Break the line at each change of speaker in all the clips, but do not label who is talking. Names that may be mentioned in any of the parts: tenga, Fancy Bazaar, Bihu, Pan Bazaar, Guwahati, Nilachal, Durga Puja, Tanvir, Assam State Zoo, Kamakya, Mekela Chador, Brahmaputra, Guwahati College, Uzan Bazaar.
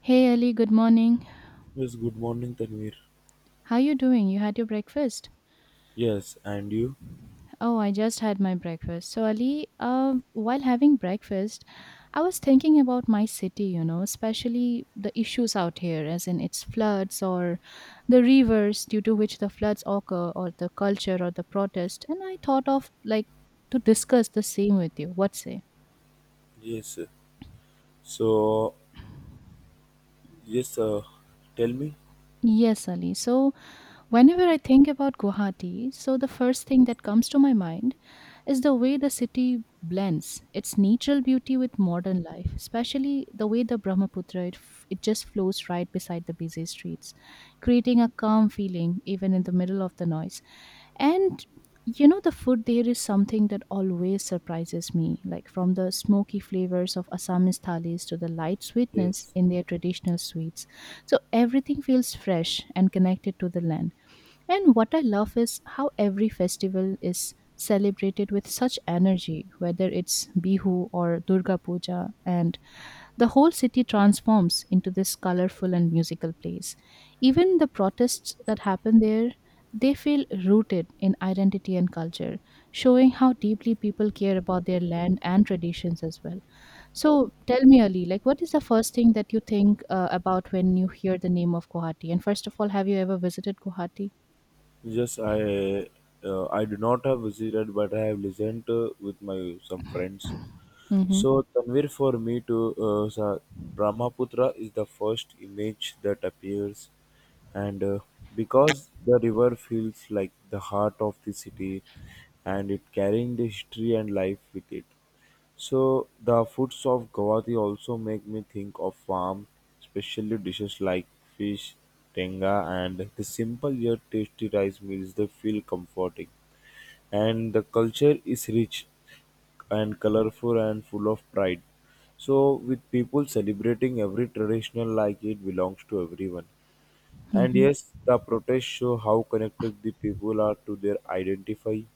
Hey Ali, good morning.
Yes, good morning, Tanvir.
How you doing? You had your breakfast?
Yes, and you?
Oh, I just had my breakfast. So Ali, while having breakfast, I was thinking about my city, you know, especially the issues out here, as in its floods or the rivers due to which the floods occur, or the culture or the protest. And I thought of like to discuss the same with you. What say?
Yes. So, yes, uh, Tell me.
Yes, Ali. So whenever I think about Guwahati, so the first thing that comes to my mind is the way the city blends its natural beauty with modern life, especially the way the Brahmaputra it just flows right beside the busy streets, creating a calm feeling even in the middle of the noise. And you know the food there is something that always surprises me, like from the smoky flavors of Assamese thalis to the light sweetness
Yes.
in their traditional sweets, so everything feels fresh and connected to the land. And what I love is how every festival is celebrated with such energy, whether it's Bihu or Durga Puja, and the whole city transforms into this colorful and musical place. Even the protests that happen there, they feel rooted in identity and culture, showing how deeply people care about their land and traditions as well. So tell me, Ali, like what is the first thing that you think about when you hear the name of Guwahati? And first of all, have you ever visited Guwahati?
Yes, I I do not have visited, but I have listened with my some friends.
Mm-hmm.
So, Tanvir, for me to Brahmaputra is the first image that appears, and because the river feels like the heart of the city, and it carrying the history and life with it. So the foods of Guwahati also make me think of farm, especially dishes like fish, tenga, and the simple yet tasty rice meals. They feel comforting, and the culture is rich and colorful and full of pride. So with people celebrating every traditional like it belongs to everyone. And
Mhm.
yes, the protests show how connected the people are to their identity,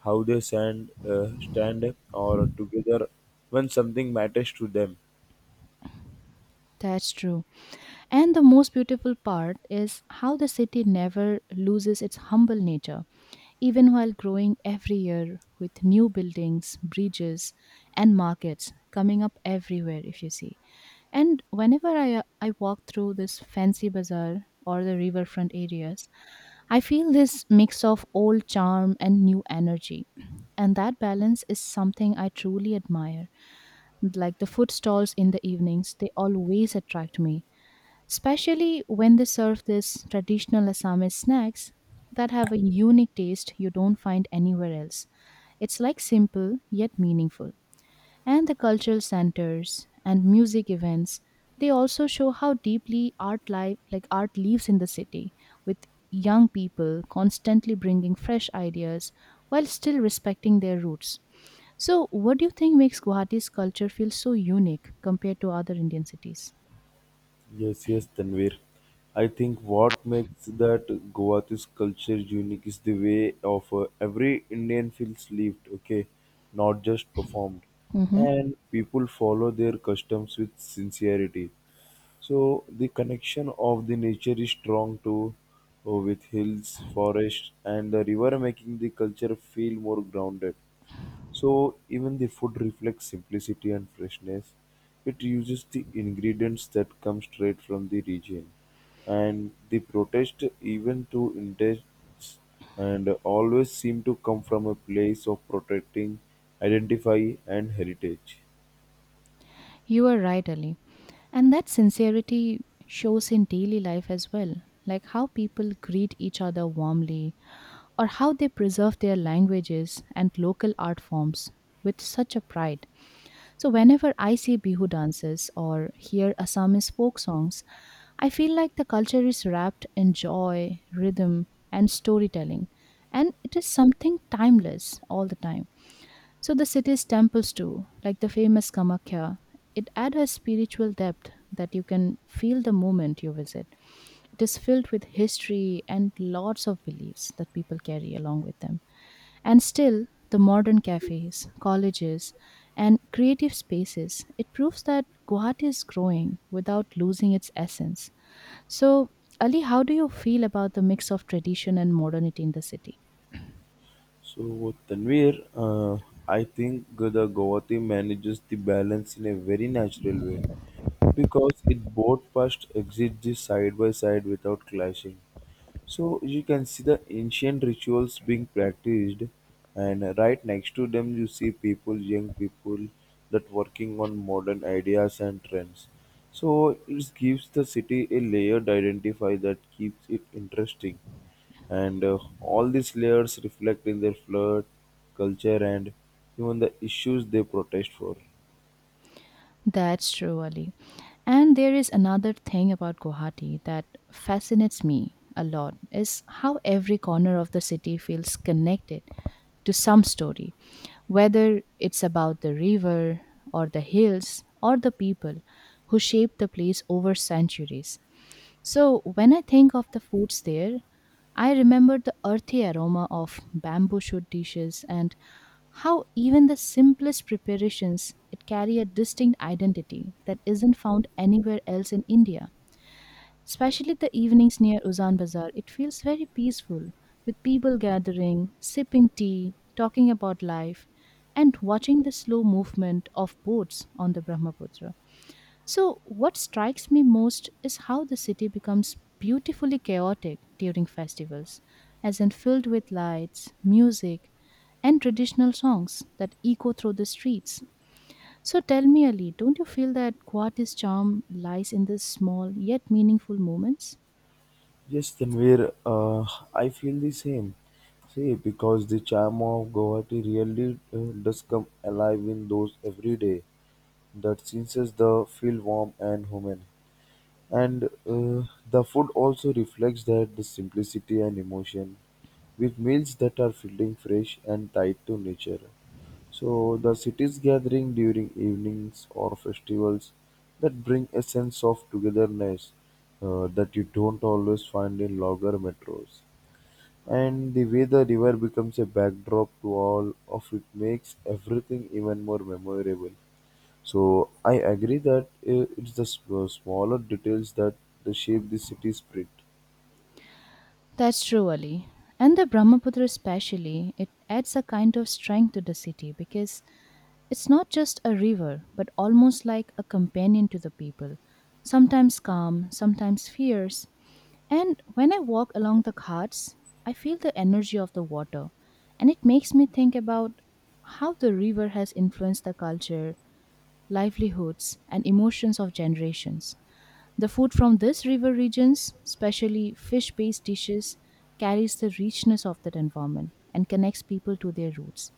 how they stand or together when something matters to them.
That's true. And the most beautiful part is how the city never loses its humble nature, even while growing every year with new buildings, bridges, and markets coming up everywhere, if you see. And whenever I walk through this fancy bazaar or the riverfront areas, I feel this mix of old charm and new energy. And that balance is something I truly admire. Like the food stalls in the evenings, they always attract me, especially when they serve these traditional Assamese snacks that have a unique taste you don't find anywhere else. It's like simple yet meaningful. And the cultural centers and music events, they also show how deeply art life like art lives in the city, with young people constantly bringing fresh ideas while still respecting their roots. So, what do you think makes Guwahati's culture feel so unique compared to other Indian cities?
Yes, yes, Tanvir. I think what makes that Goa's culture unique is the way of every Indian feels lived, okay, not just performed.
Hmm.
And people follow their customs with sincerity. So the connection of the nature is strong too, with hills, forests, and the river, making the culture feel more grounded. So even the food reflects simplicity and freshness. It uses the ingredients that come straight from the region. And the protest, even to indents, and always seem to come from a place of protecting, identify, and heritage.
You are right, Ali. And that sincerity shows in daily life as well, like how people greet each other warmly or how they preserve their languages and local art forms with such a pride. So, whenever I see Bihu dances or hear Assamese folk songs, I feel like the culture is wrapped in joy, rhythm, and storytelling, and it is something timeless all the time. So the city's temples too, like the famous Kamakya, it adds a spiritual depth that you can feel the moment you visit. It is filled with history and lots of beliefs that people carry along with them. And still, the modern cafes, colleges, and creative spaces, it proves that Guwahati is growing without losing its essence. So, Ali, how do you feel about the mix of tradition and modernity in the city?
So Tanvir, I think the Govati manages the balance in a very natural way because it both past exist side by side without clashing. So you can see the ancient rituals being practiced, and right next to them you see people, young people, that working on modern ideas and trends. So it gives the city a layered identify that keeps it interesting, and all these layers reflect in their flood, culture, and even the issues they protest for.
That's true, Ali. And there is another thing about Guwahati that fascinates me a lot is how every corner of the city feels connected to some story, whether it's about the river or the hills or the people who shaped the place over centuries. So when I think of the foods there, I remember the earthy aroma of bamboo shoot dishes and how even the simplest preparations it carry a distinct identity that isn't found anywhere else in India. Especially the evenings near Uzan Bazaar, it feels very peaceful with people gathering, sipping tea, talking about life, and watching the slow movement of boats on the Brahmaputra. So, what strikes me most is how the city becomes beautifully chaotic during festivals, as in filled with lights, music, and traditional songs that echo through the streets. So, tell me, Ali, don't you feel that Guwahati's charm lies in these small yet meaningful moments?
Yes, Tanvir, I feel the same. See, because the charm of Guwahati really does come alive in those every day that senses the feel warm and human. And The food also reflects that the simplicity and emotion with meals that are feeling fresh and tied to nature. So the cities gathering during evenings or festivals that bring a sense of togetherness that you don't always find in larger metros. And the way the river becomes a backdrop to all of it makes everything even more memorable. So I agree that smaller details that they shape the city spirit.
That's true, Ali. And the Brahmaputra, especially, it adds a kind of strength to the city, because it's not just a river, but almost like a companion to the people, sometimes calm, sometimes fierce. And when I walk along the ghats, I feel the energy of the water, and it makes me think about how the river has influenced the culture, livelihoods, and emotions of generations. The food from these river regions, especially fish based dishes, carries the richness of that environment and connects people to their roots.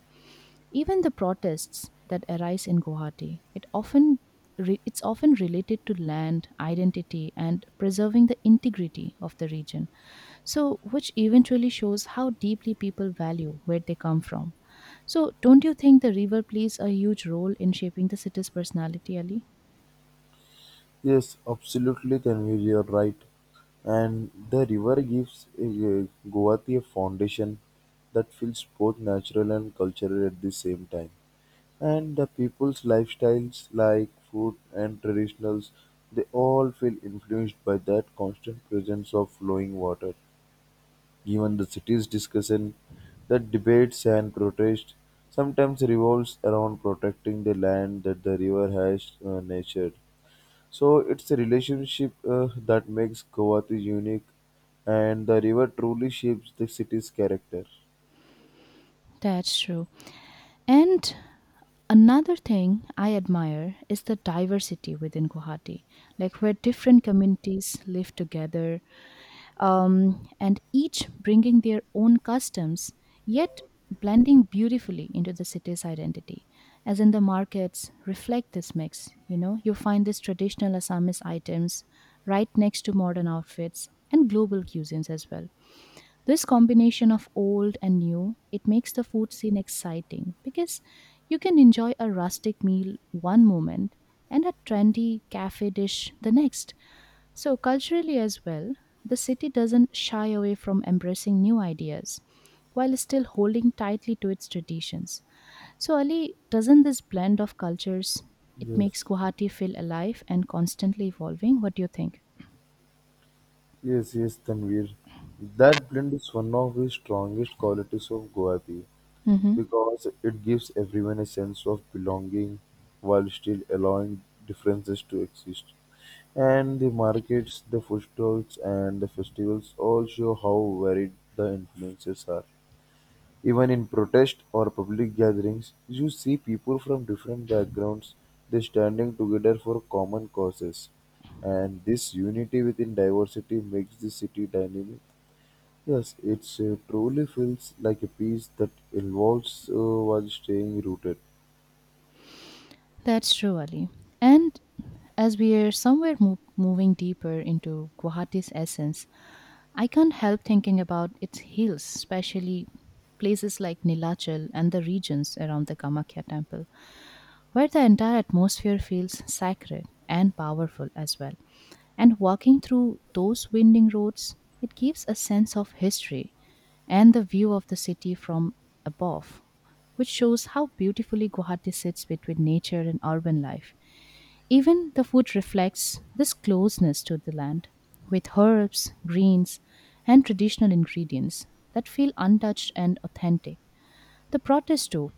Even the protests that arise in Guwahati, it's often related to land, identity, and preserving the integrity of the region. So, which eventually shows how deeply people value where they come from. So, don't you think the river plays a huge role in shaping the city's personality, Ali?
Yes, absolutely, Tanvir, you're right. And the river gives Guwahati a foundation that feels both natural and cultural at the same time. And the people's lifestyles, like food and traditionals, they all feel influenced by that constant presence of flowing water. Given the city's discussion, the debates and protests sometimes revolves around protecting the land that the river has nurtured. So it's a relationship that makes Guwahati unique, and the river truly shapes the city's character.
That's true. And another thing I admire is the diversity within Guwahati, like where different communities live together, and each bringing their own customs, yet blending beautifully into the city's identity. As in the markets, reflect this mix. You know, you find these traditional Assamese items right next to modern outfits and global cuisines as well. This combination of old and new, it makes the food scene exciting because you can enjoy a rustic meal one moment and a trendy cafe dish the next. So, culturally as well, the city doesn't shy away from embracing new ideas while still holding tightly to its traditions. So, Ali, doesn't this blend of cultures, it makes
Yes,
Guwahati feel alive and constantly evolving? What do you think?
yes, yes, Tanvir. That blend is one of the strongest qualities of Guwahati
Hmm.
because it gives everyone a sense of belonging while still allowing differences to exist. And the markets, the food stalls, and the festivals all show how varied the influences are. Even in protest or public gatherings, you see people from different backgrounds they standing together for common causes. And this unity within diversity makes the city dynamic. Yes, it truly feels like a piece that evolves while staying rooted.
That's true, Ali. And as we are somewhere moving deeper into Guwahati's essence, I can't help thinking about its hills, especially places like Nilachal and the regions around the Kamakya temple, where the entire atmosphere feels sacred and powerful as well. And walking through those winding roads, it gives a sense of history and the view of the city from above, which shows how beautifully Guwahati sits between nature and urban life. Even the food reflects this closeness to the land, with herbs, greens, and traditional ingredients that feel untouched and authentic. The protests, too,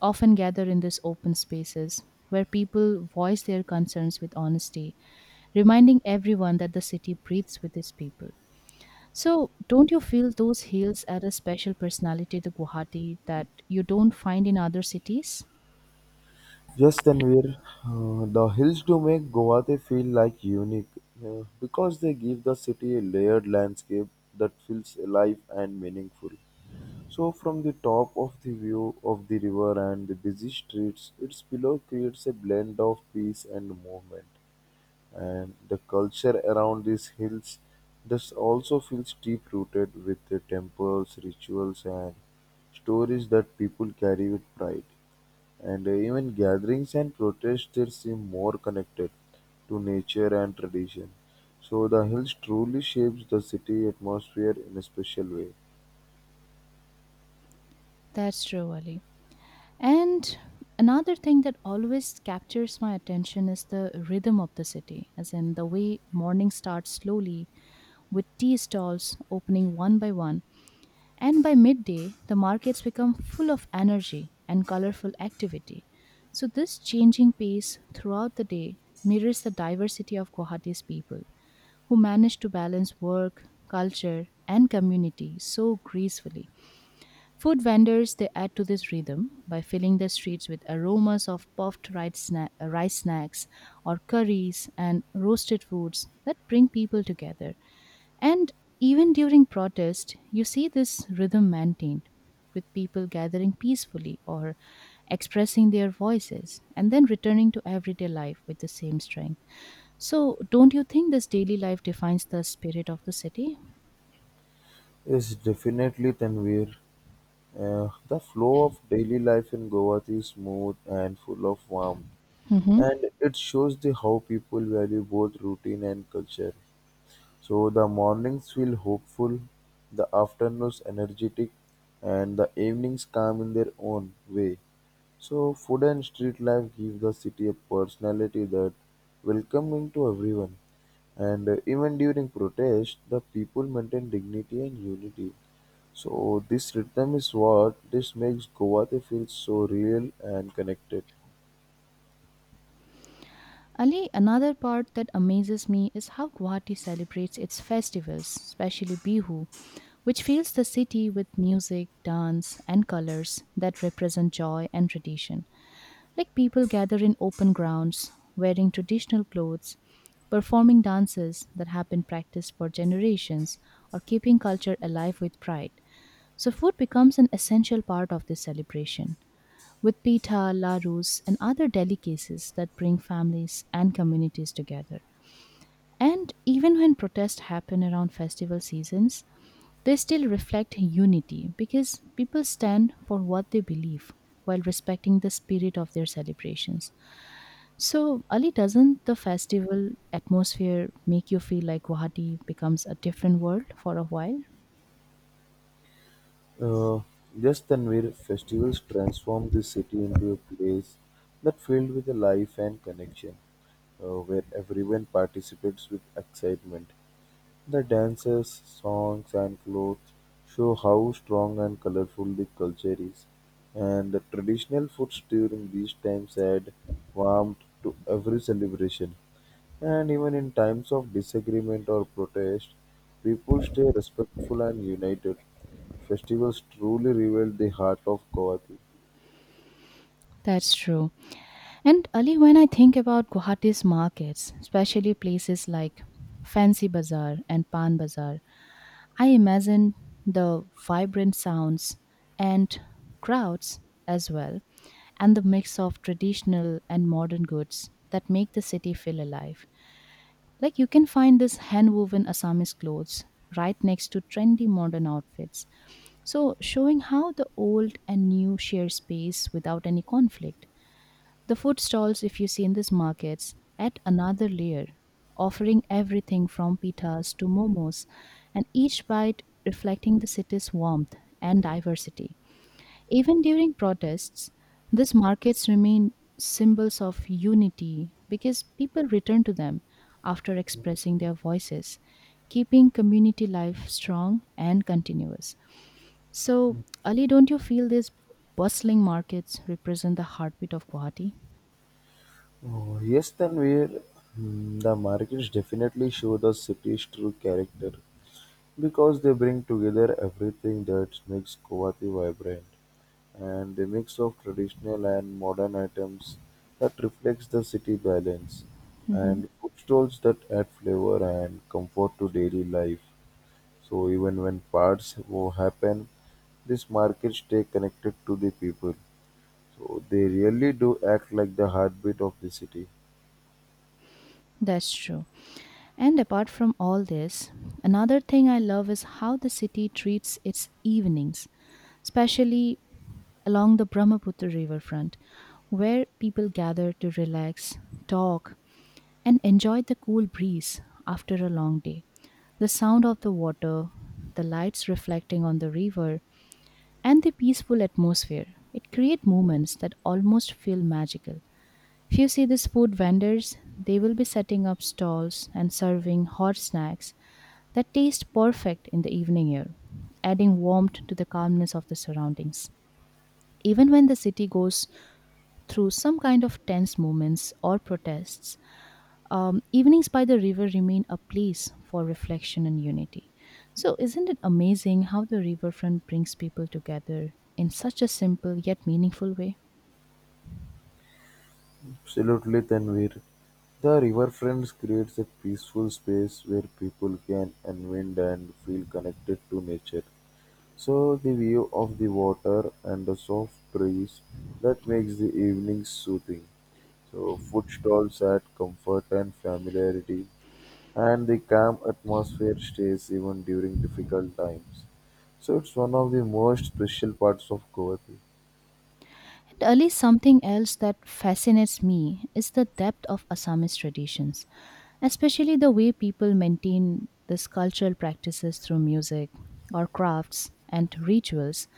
often gather in these open spaces where people voice their concerns with honesty, reminding everyone that the city breathes with its people. So, don't you feel those hills add a special personality to Guwahati that you don't find in other cities?
Yes, Tanvir, the hills do make Guwahati feel like unique because they give the city a layered landscape that feels alive and meaningful. So, from the top of the view of the river and the busy streets, its below creates a blend of peace and movement. And the culture around these hills thus also feels deep rooted with the temples, rituals, and stories that people carry with pride. And Even gatherings and protests there seem more connected to nature and tradition. So, the hills truly shapes the city atmosphere in a special way.
That's true, Ali. And another thing that always captures my attention is the rhythm of the city, as in the way morning starts slowly with tea stalls opening one by one. And by midday, the markets become full of energy and colorful activity. So, this changing pace throughout the day mirrors the diversity of Guwahati's people, who manage to balance work, culture, and community so gracefully. Food vendors, they add to this rhythm by filling the streets with aromas of puffed rice, rice snacks or curries and roasted foods that bring people together. And even during protest, you see this rhythm maintained, with people gathering peacefully or expressing their voices and then returning to everyday life with the same strength. So, don't you think this daily life defines the spirit of the city?
Yes, definitely, Tanvir. The flow of daily life in Goa is smooth and full of warmth,
Mhm.
and it shows the how people value both routine and culture. So the mornings feel hopeful, the afternoons energetic, and the evenings calm in their own way. So food and street life give the city a personality that welcoming to everyone. And Even during protest, the people maintain dignity and unity. So this rhythm is what this makes Guwahati feel so real and connected.
Ali, another part that amazes me is how Guwahati celebrates its festivals, especially Bihu, which fills the city with music, dance, and colors that represent joy and tradition. Like people gather in open grounds, wearing traditional clothes, performing dances that have been practiced for generations, or keeping culture alive with pride. So, food becomes an essential part of this celebration, with pita, larus, and other delicacies that bring families and communities together. And even when protests happen around festival seasons, they still reflect unity because people stand for what they believe while respecting the spirit of their celebrations. So, Ali, doesn't the festival atmosphere make you feel like Guwahati becomes a different world for a while?
Uh, yes, Tanvir, festivals transform the city into a place that filled with the life and connection, where everyone participates with excitement. The dances, songs, and clothes show how strong and colorful the culture is, and the traditional foods during these times add warmth to every celebration. And even in times of disagreement or protest, people stay respectful and united. Festivals truly reveal the heart of Guwahati.
That's true. And Ali, when I think about Guwahati's markets, especially places like Fancy Bazaar and Pan Bazaar, I imagine the vibrant sounds and crowds as well, and the mix of traditional and modern goods that make the city feel alive. Like you can find this hand-woven Assamese clothes right next to trendy modern outfits. So, showing how the old and new share space without any conflict. The food stalls, if you see in these markets, add another layer, offering everything from pitas to momos, and each bite reflecting the city's warmth and diversity. Even during protests, these markets remain symbols of unity because people return to them after expressing their voices, keeping community life strong and continuous. So, Ali, don't you feel these bustling markets represent the heartbeat of Guwahati?
Oh, yes, Tanvir. Hmm, the markets definitely show the city's true character because they bring together everything that makes Guwahati vibrant and the mix of traditional and modern items that reflects the city balance
Mhm.
and food stalls that add flavor and comfort to daily life. So even when parts happen, these markets stay connected to the people. So they really do act like the heartbeat of the city.
That's true. And apart from all this, another thing I love is how the city treats its evenings, especially along the Brahmaputra riverfront, where people gather to relax, talk, and enjoy the cool breeze after a long day. The sound of the water, the lights reflecting on the river, and the peaceful atmosphere. It create moments that almost feel magical. If you see these food vendors, they will be setting up stalls and serving hot snacks that taste perfect in the evening air, adding warmth to the calmness of the surroundings. Even when the city goes through some kind of tense moments or protests, evenings by the river remain a place for reflection and unity. So, isn't it amazing how the riverfront brings people together in such a simple yet meaningful way?
Absolutely, Tanvir. The riverfront creates a peaceful space where people can unwind and feel connected to nature. So the view of the water and the soft breeze that makes the evening soothing. So food stalls add comfort and familiarity, and the calm atmosphere stays even during difficult times. So it's one of the most special parts of Goa.
And Ali, something else that fascinates me is the depth of Assamese traditions, especially the way people maintain these cultural practices through music or crafts and rituals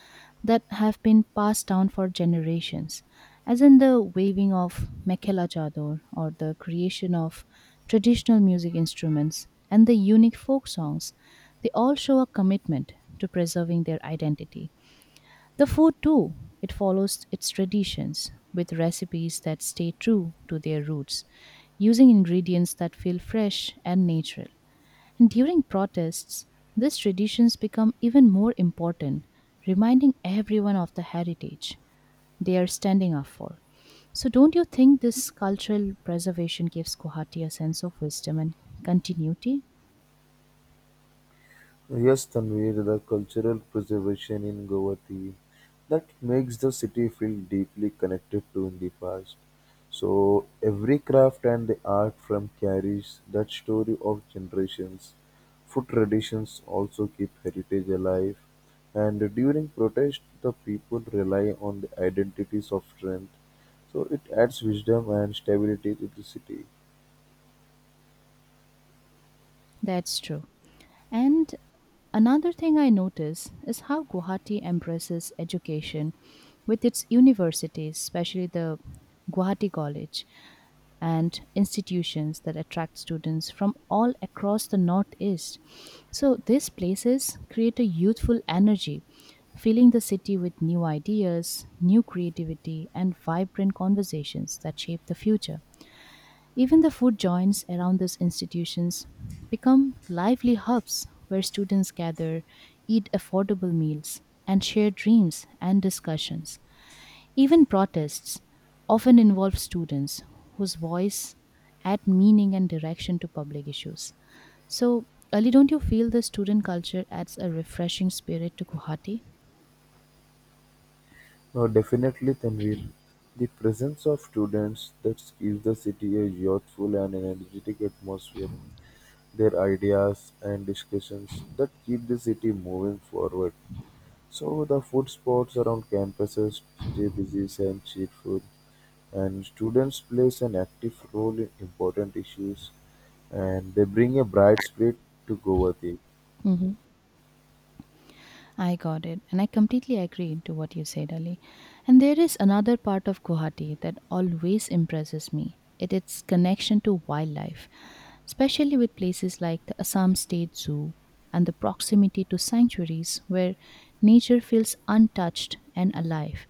that have been passed down for generations, as in the waving of Mekela Chador or the creation of traditional music instruments and the unique folk songs. They all show a commitment to preserving their identity the food, too, it follows its traditions with recipes that stay true to their roots, using ingredients that feel fresh and natural. And during protests, these traditions become even more important, reminding everyone of the heritage they are standing up for. So, don't you think this cultural preservation gives Guwahati a sense of wisdom and continuity?
Yes, Tanvir, the cultural preservation in Govati that makes the city feel deeply connected to in the past. So every craft and the art from carries that story of generations. Food traditions also keep heritage alive, and during protest, the people rely on the identities of strength. So it adds wisdom and stability to the city.
That's true. And another thing I notice is how Guwahati embraces education with its universities, especially the Guwahati College and institutions that attract students from all across the Northeast. So these places create a youthful energy, filling the city with new ideas, new creativity, and vibrant conversations that shape the future. Even the food joints around these institutions become lively hubs where students gather, eat affordable meals, and share dreams and discussions. Even protests often involve students whose voice add meaning and direction to public issues. So, Ali, don't you feel the student culture adds a refreshing spirit to Guwahati?
Now definitely Tanvir, the presence of students that gives the city a youthful and energetic atmosphere. Their ideas and discussions that keep the city moving forward. So the food spots around campuses stay busy and cheerful and students plays an active role in important issues and they bring a bright spirit to Govati.
I got it, and I completely agree to what you said, Ali. And there is another part of Guwahati that always impresses me. It its connection to wildlife, especially with places like the Assam State Zoo and the proximity to sanctuaries where nature feels untouched and alive.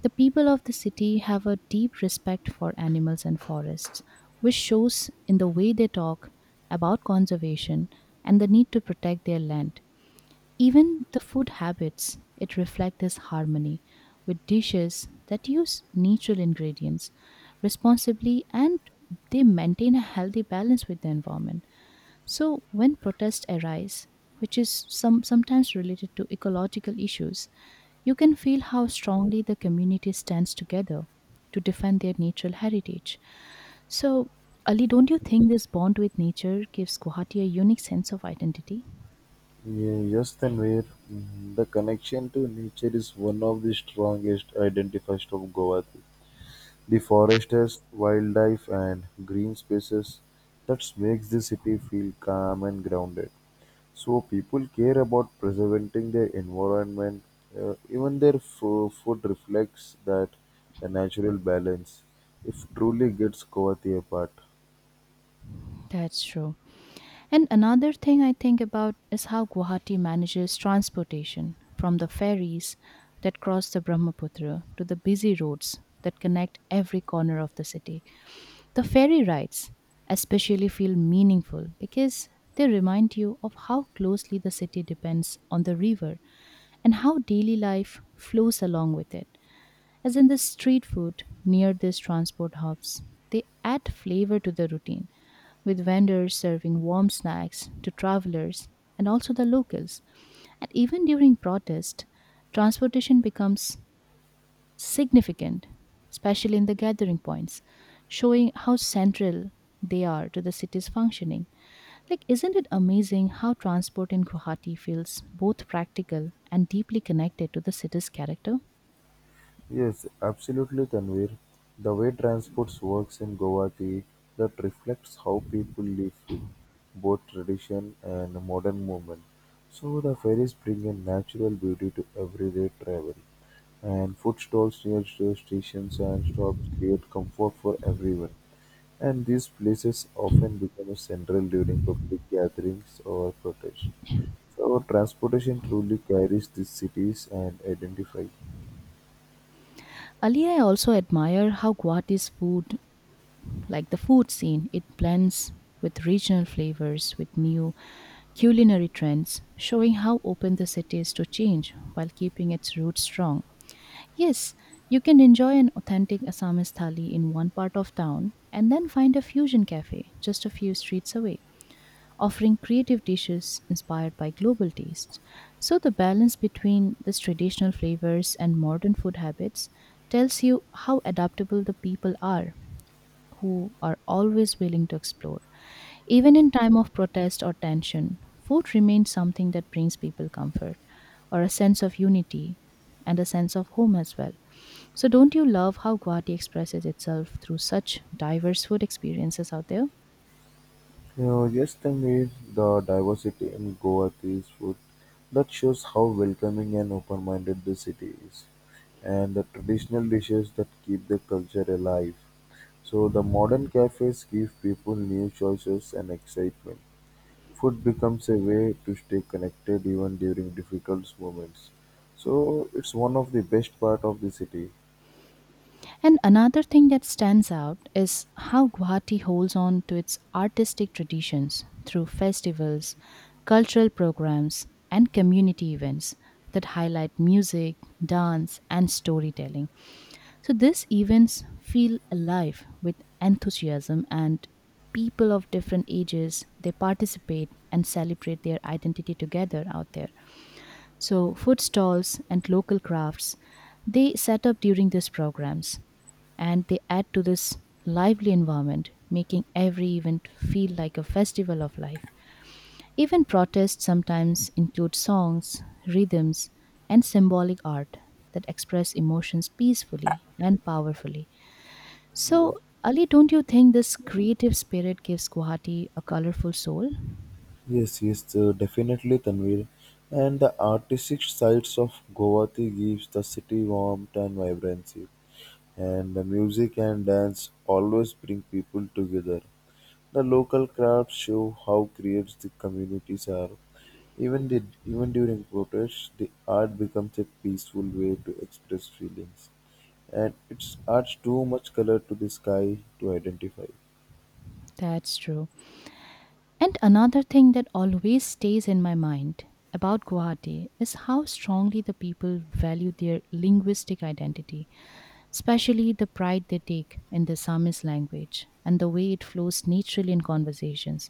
The people of the city have a deep respect for animals and forests, which shows in the way they talk about conservation and the need to protect their land. Even the food habits, it reflect this harmony with dishes that use natural ingredients responsibly and they maintain a healthy balance with the environment. So when protests arise, which is sometimes related to ecological issues, you can feel how strongly the community stands together to defend their natural heritage. So Ali, don't you think this bond with nature gives Guwahati a unique sense of identity?
Yes, Tanvir. Mm, the connection to nature is one of the strongest identifiers of Goa. The forests, wildlife and green spaces that makes the city feel calm and grounded. So people care about preserving their environment. Even their food reflects that a natural balance if truly gets Kovati apart.
That's true. And another thing I think about is how Guwahati manages transportation from the ferries that cross the Brahmaputra to the busy roads that connect every corner of the city. The ferry rides especially feel meaningful because they remind you of how closely the city depends on the river and how daily life flows along with it. As in the street food near these transport hubs, they add flavor to the routine, with vendors serving warm snacks to travelers and also the locals. And even during protest, transportation becomes significant, especially in the gathering points, showing how central they are to the city's functioning. Like, isn't it amazing how transport in Guwahati feels both practical and deeply connected to the city's character?
Yes, absolutely, Tanvir. The way transports works in Guwahati that reflects how people live with both tradition and modern movement. So the ferries bring a natural beauty to everyday travel, and food stalls near stations and stops create comfort for everyone. And these places often become a central during public gatherings or protests. So transportation truly carries these cities and identify.
Ali, I also admire how Guwahati's food, like the food scene, it blends with regional flavors, with new culinary trends, showing how open the city is to change while keeping its roots strong. Yes, you can enjoy an authentic Assamese thali in one part of town and then find a fusion cafe just a few streets away offering creative dishes inspired by global tastes. So, the balance between these traditional flavors and modern food habits tells you how adaptable the people are who are always willing to explore. Even in time of protest or tension, food remains something that brings people comfort or a sense of unity and a sense of home as well. So, don't you love how Guwahati expresses itself through such diverse food experiences out there?
Yesterday's meal, the diversity in Guwahati's food that shows how welcoming and open-minded the city is, and the traditional dishes that keep the culture alive. So the modern cafes give people new choices and excitement. Food becomes a way to stay connected even during difficult moments. So it's one of the best part of the city.
And another thing that stands out is how Guwahati holds on to its artistic traditions through festivals, cultural programs, and community events that highlight music, dance, and storytelling. So these events feel alive with enthusiasm and people of different ages they participate and celebrate their identity together out there so, food stalls and local crafts they set up during these programs and they add to this lively environment, making every event feel like a festival of life. Even protests sometimes include songs, rhythms, and symbolic art that express emotions peacefully and powerfully.
Yeah.
So, Ali, don't you think this creative spirit gives Guwahati a colorful soul?
Yes, Definitely, Tanvir. And the artistic sides of Guwahati gives the city warmth and vibrancy. And the music and dance always bring people together. The local crafts show how creative the communities are. Even during protests, the art becomes a peaceful way to express feelings. And it's adds too much color to the sky to identify.
That's true. And another thing that always stays in my mind about Guwahati is how strongly the people value their linguistic identity, especially the pride they take in the Samis language and the way it flows naturally in conversations.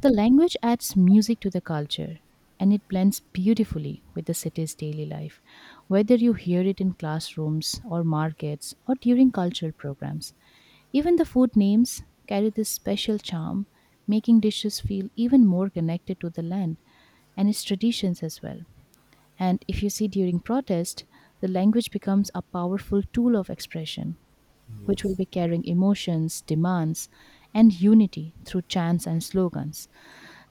The language adds music to the culture and it blends beautifully with the city's daily life, whether you hear it in classrooms or markets or during cultural programs. Even the food names carry this special charm, making dishes feel even more connected to the land and its traditions as well. And if you see during protest, the language becomes a powerful tool of expression, which will
Yes.
be carrying emotions, demands, and unity through chants and slogans.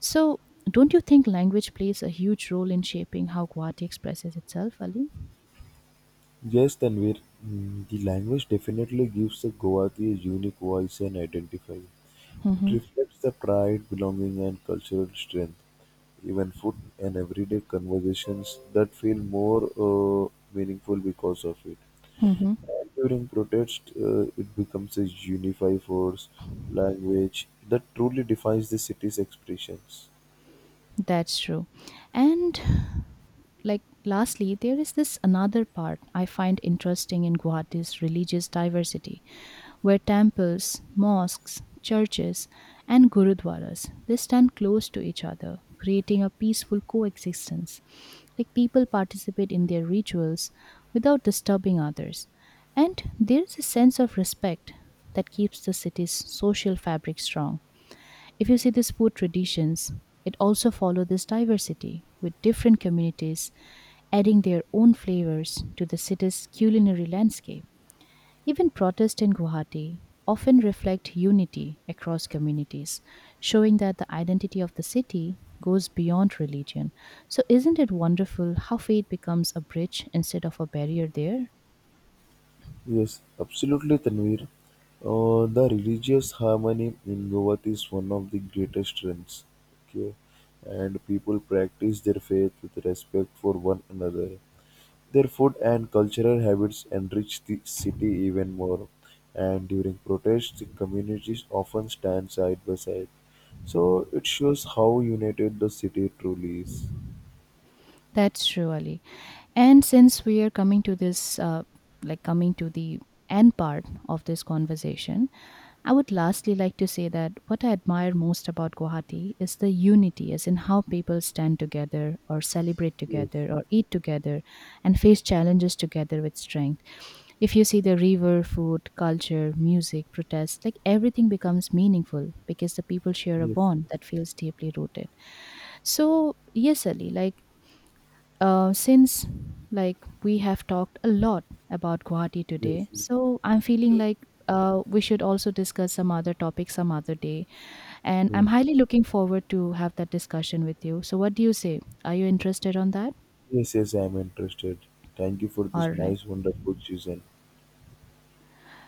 So, don't you think language plays a huge role in shaping how Guwahati expresses itself, Ali?
Yes, Tanvir, mm, the language definitely gives the Guwahati a unique voice and identifier. It
Mm-hmm.
reflects the pride, belonging, and cultural strength. Even food and everyday conversations that feel more meaningful because of it.
Mm-hmm.
And during protest, it becomes a unify force language that truly defines the city's expressions.
That's true. And like lastly there is this another part I find interesting in Guwahati's religious diversity, where temples, mosques, churches, and gurudwaras they stand close to each other, creating a peaceful coexistence. Like people participate in their rituals without disturbing others, and there is a sense of respect that keeps the city's social fabric strong. If you see these food traditions, it also follow this diversity, with different communities adding their own flavors to the city's culinary landscape. Even protests in Guwahati often reflect unity across communities, showing that the identity of the city goes beyond religion. So, isn't it wonderful how faith becomes a bridge instead of a barrier there?
Yes, absolutely, Tanvir. The religious harmony in Goa is one of the greatest trends. Okay, and people practice their faith with respect for one another. Their food and cultural habits enrich the city even more. And during protests, the communities often stand side by side. So it shows how united the city truly is.
That's true, Ali. And since we are coming to this, like coming to the end part of this conversation, I would lastly like to say that what I admire most about Guwahati is the unity, as in how people stand together or celebrate
Yes,
together or eat together and face challenges together with strength. If you see the river, food, culture, music, protests, like everything becomes meaningful because the people share a
yes,
bond
yes,
that feels deeply rooted. So, yes, Ali, like since like we have talked a lot about Guwahati
yes,
today,
yes.
so I'm feeling like we should also discuss some other topic some other day. And I'm highly looking forward to have that discussion with you. So what do you say? Are you interested on that?
Yes, yes, I'm interested. Thank you for
All
this
right.
nice, wonderful season.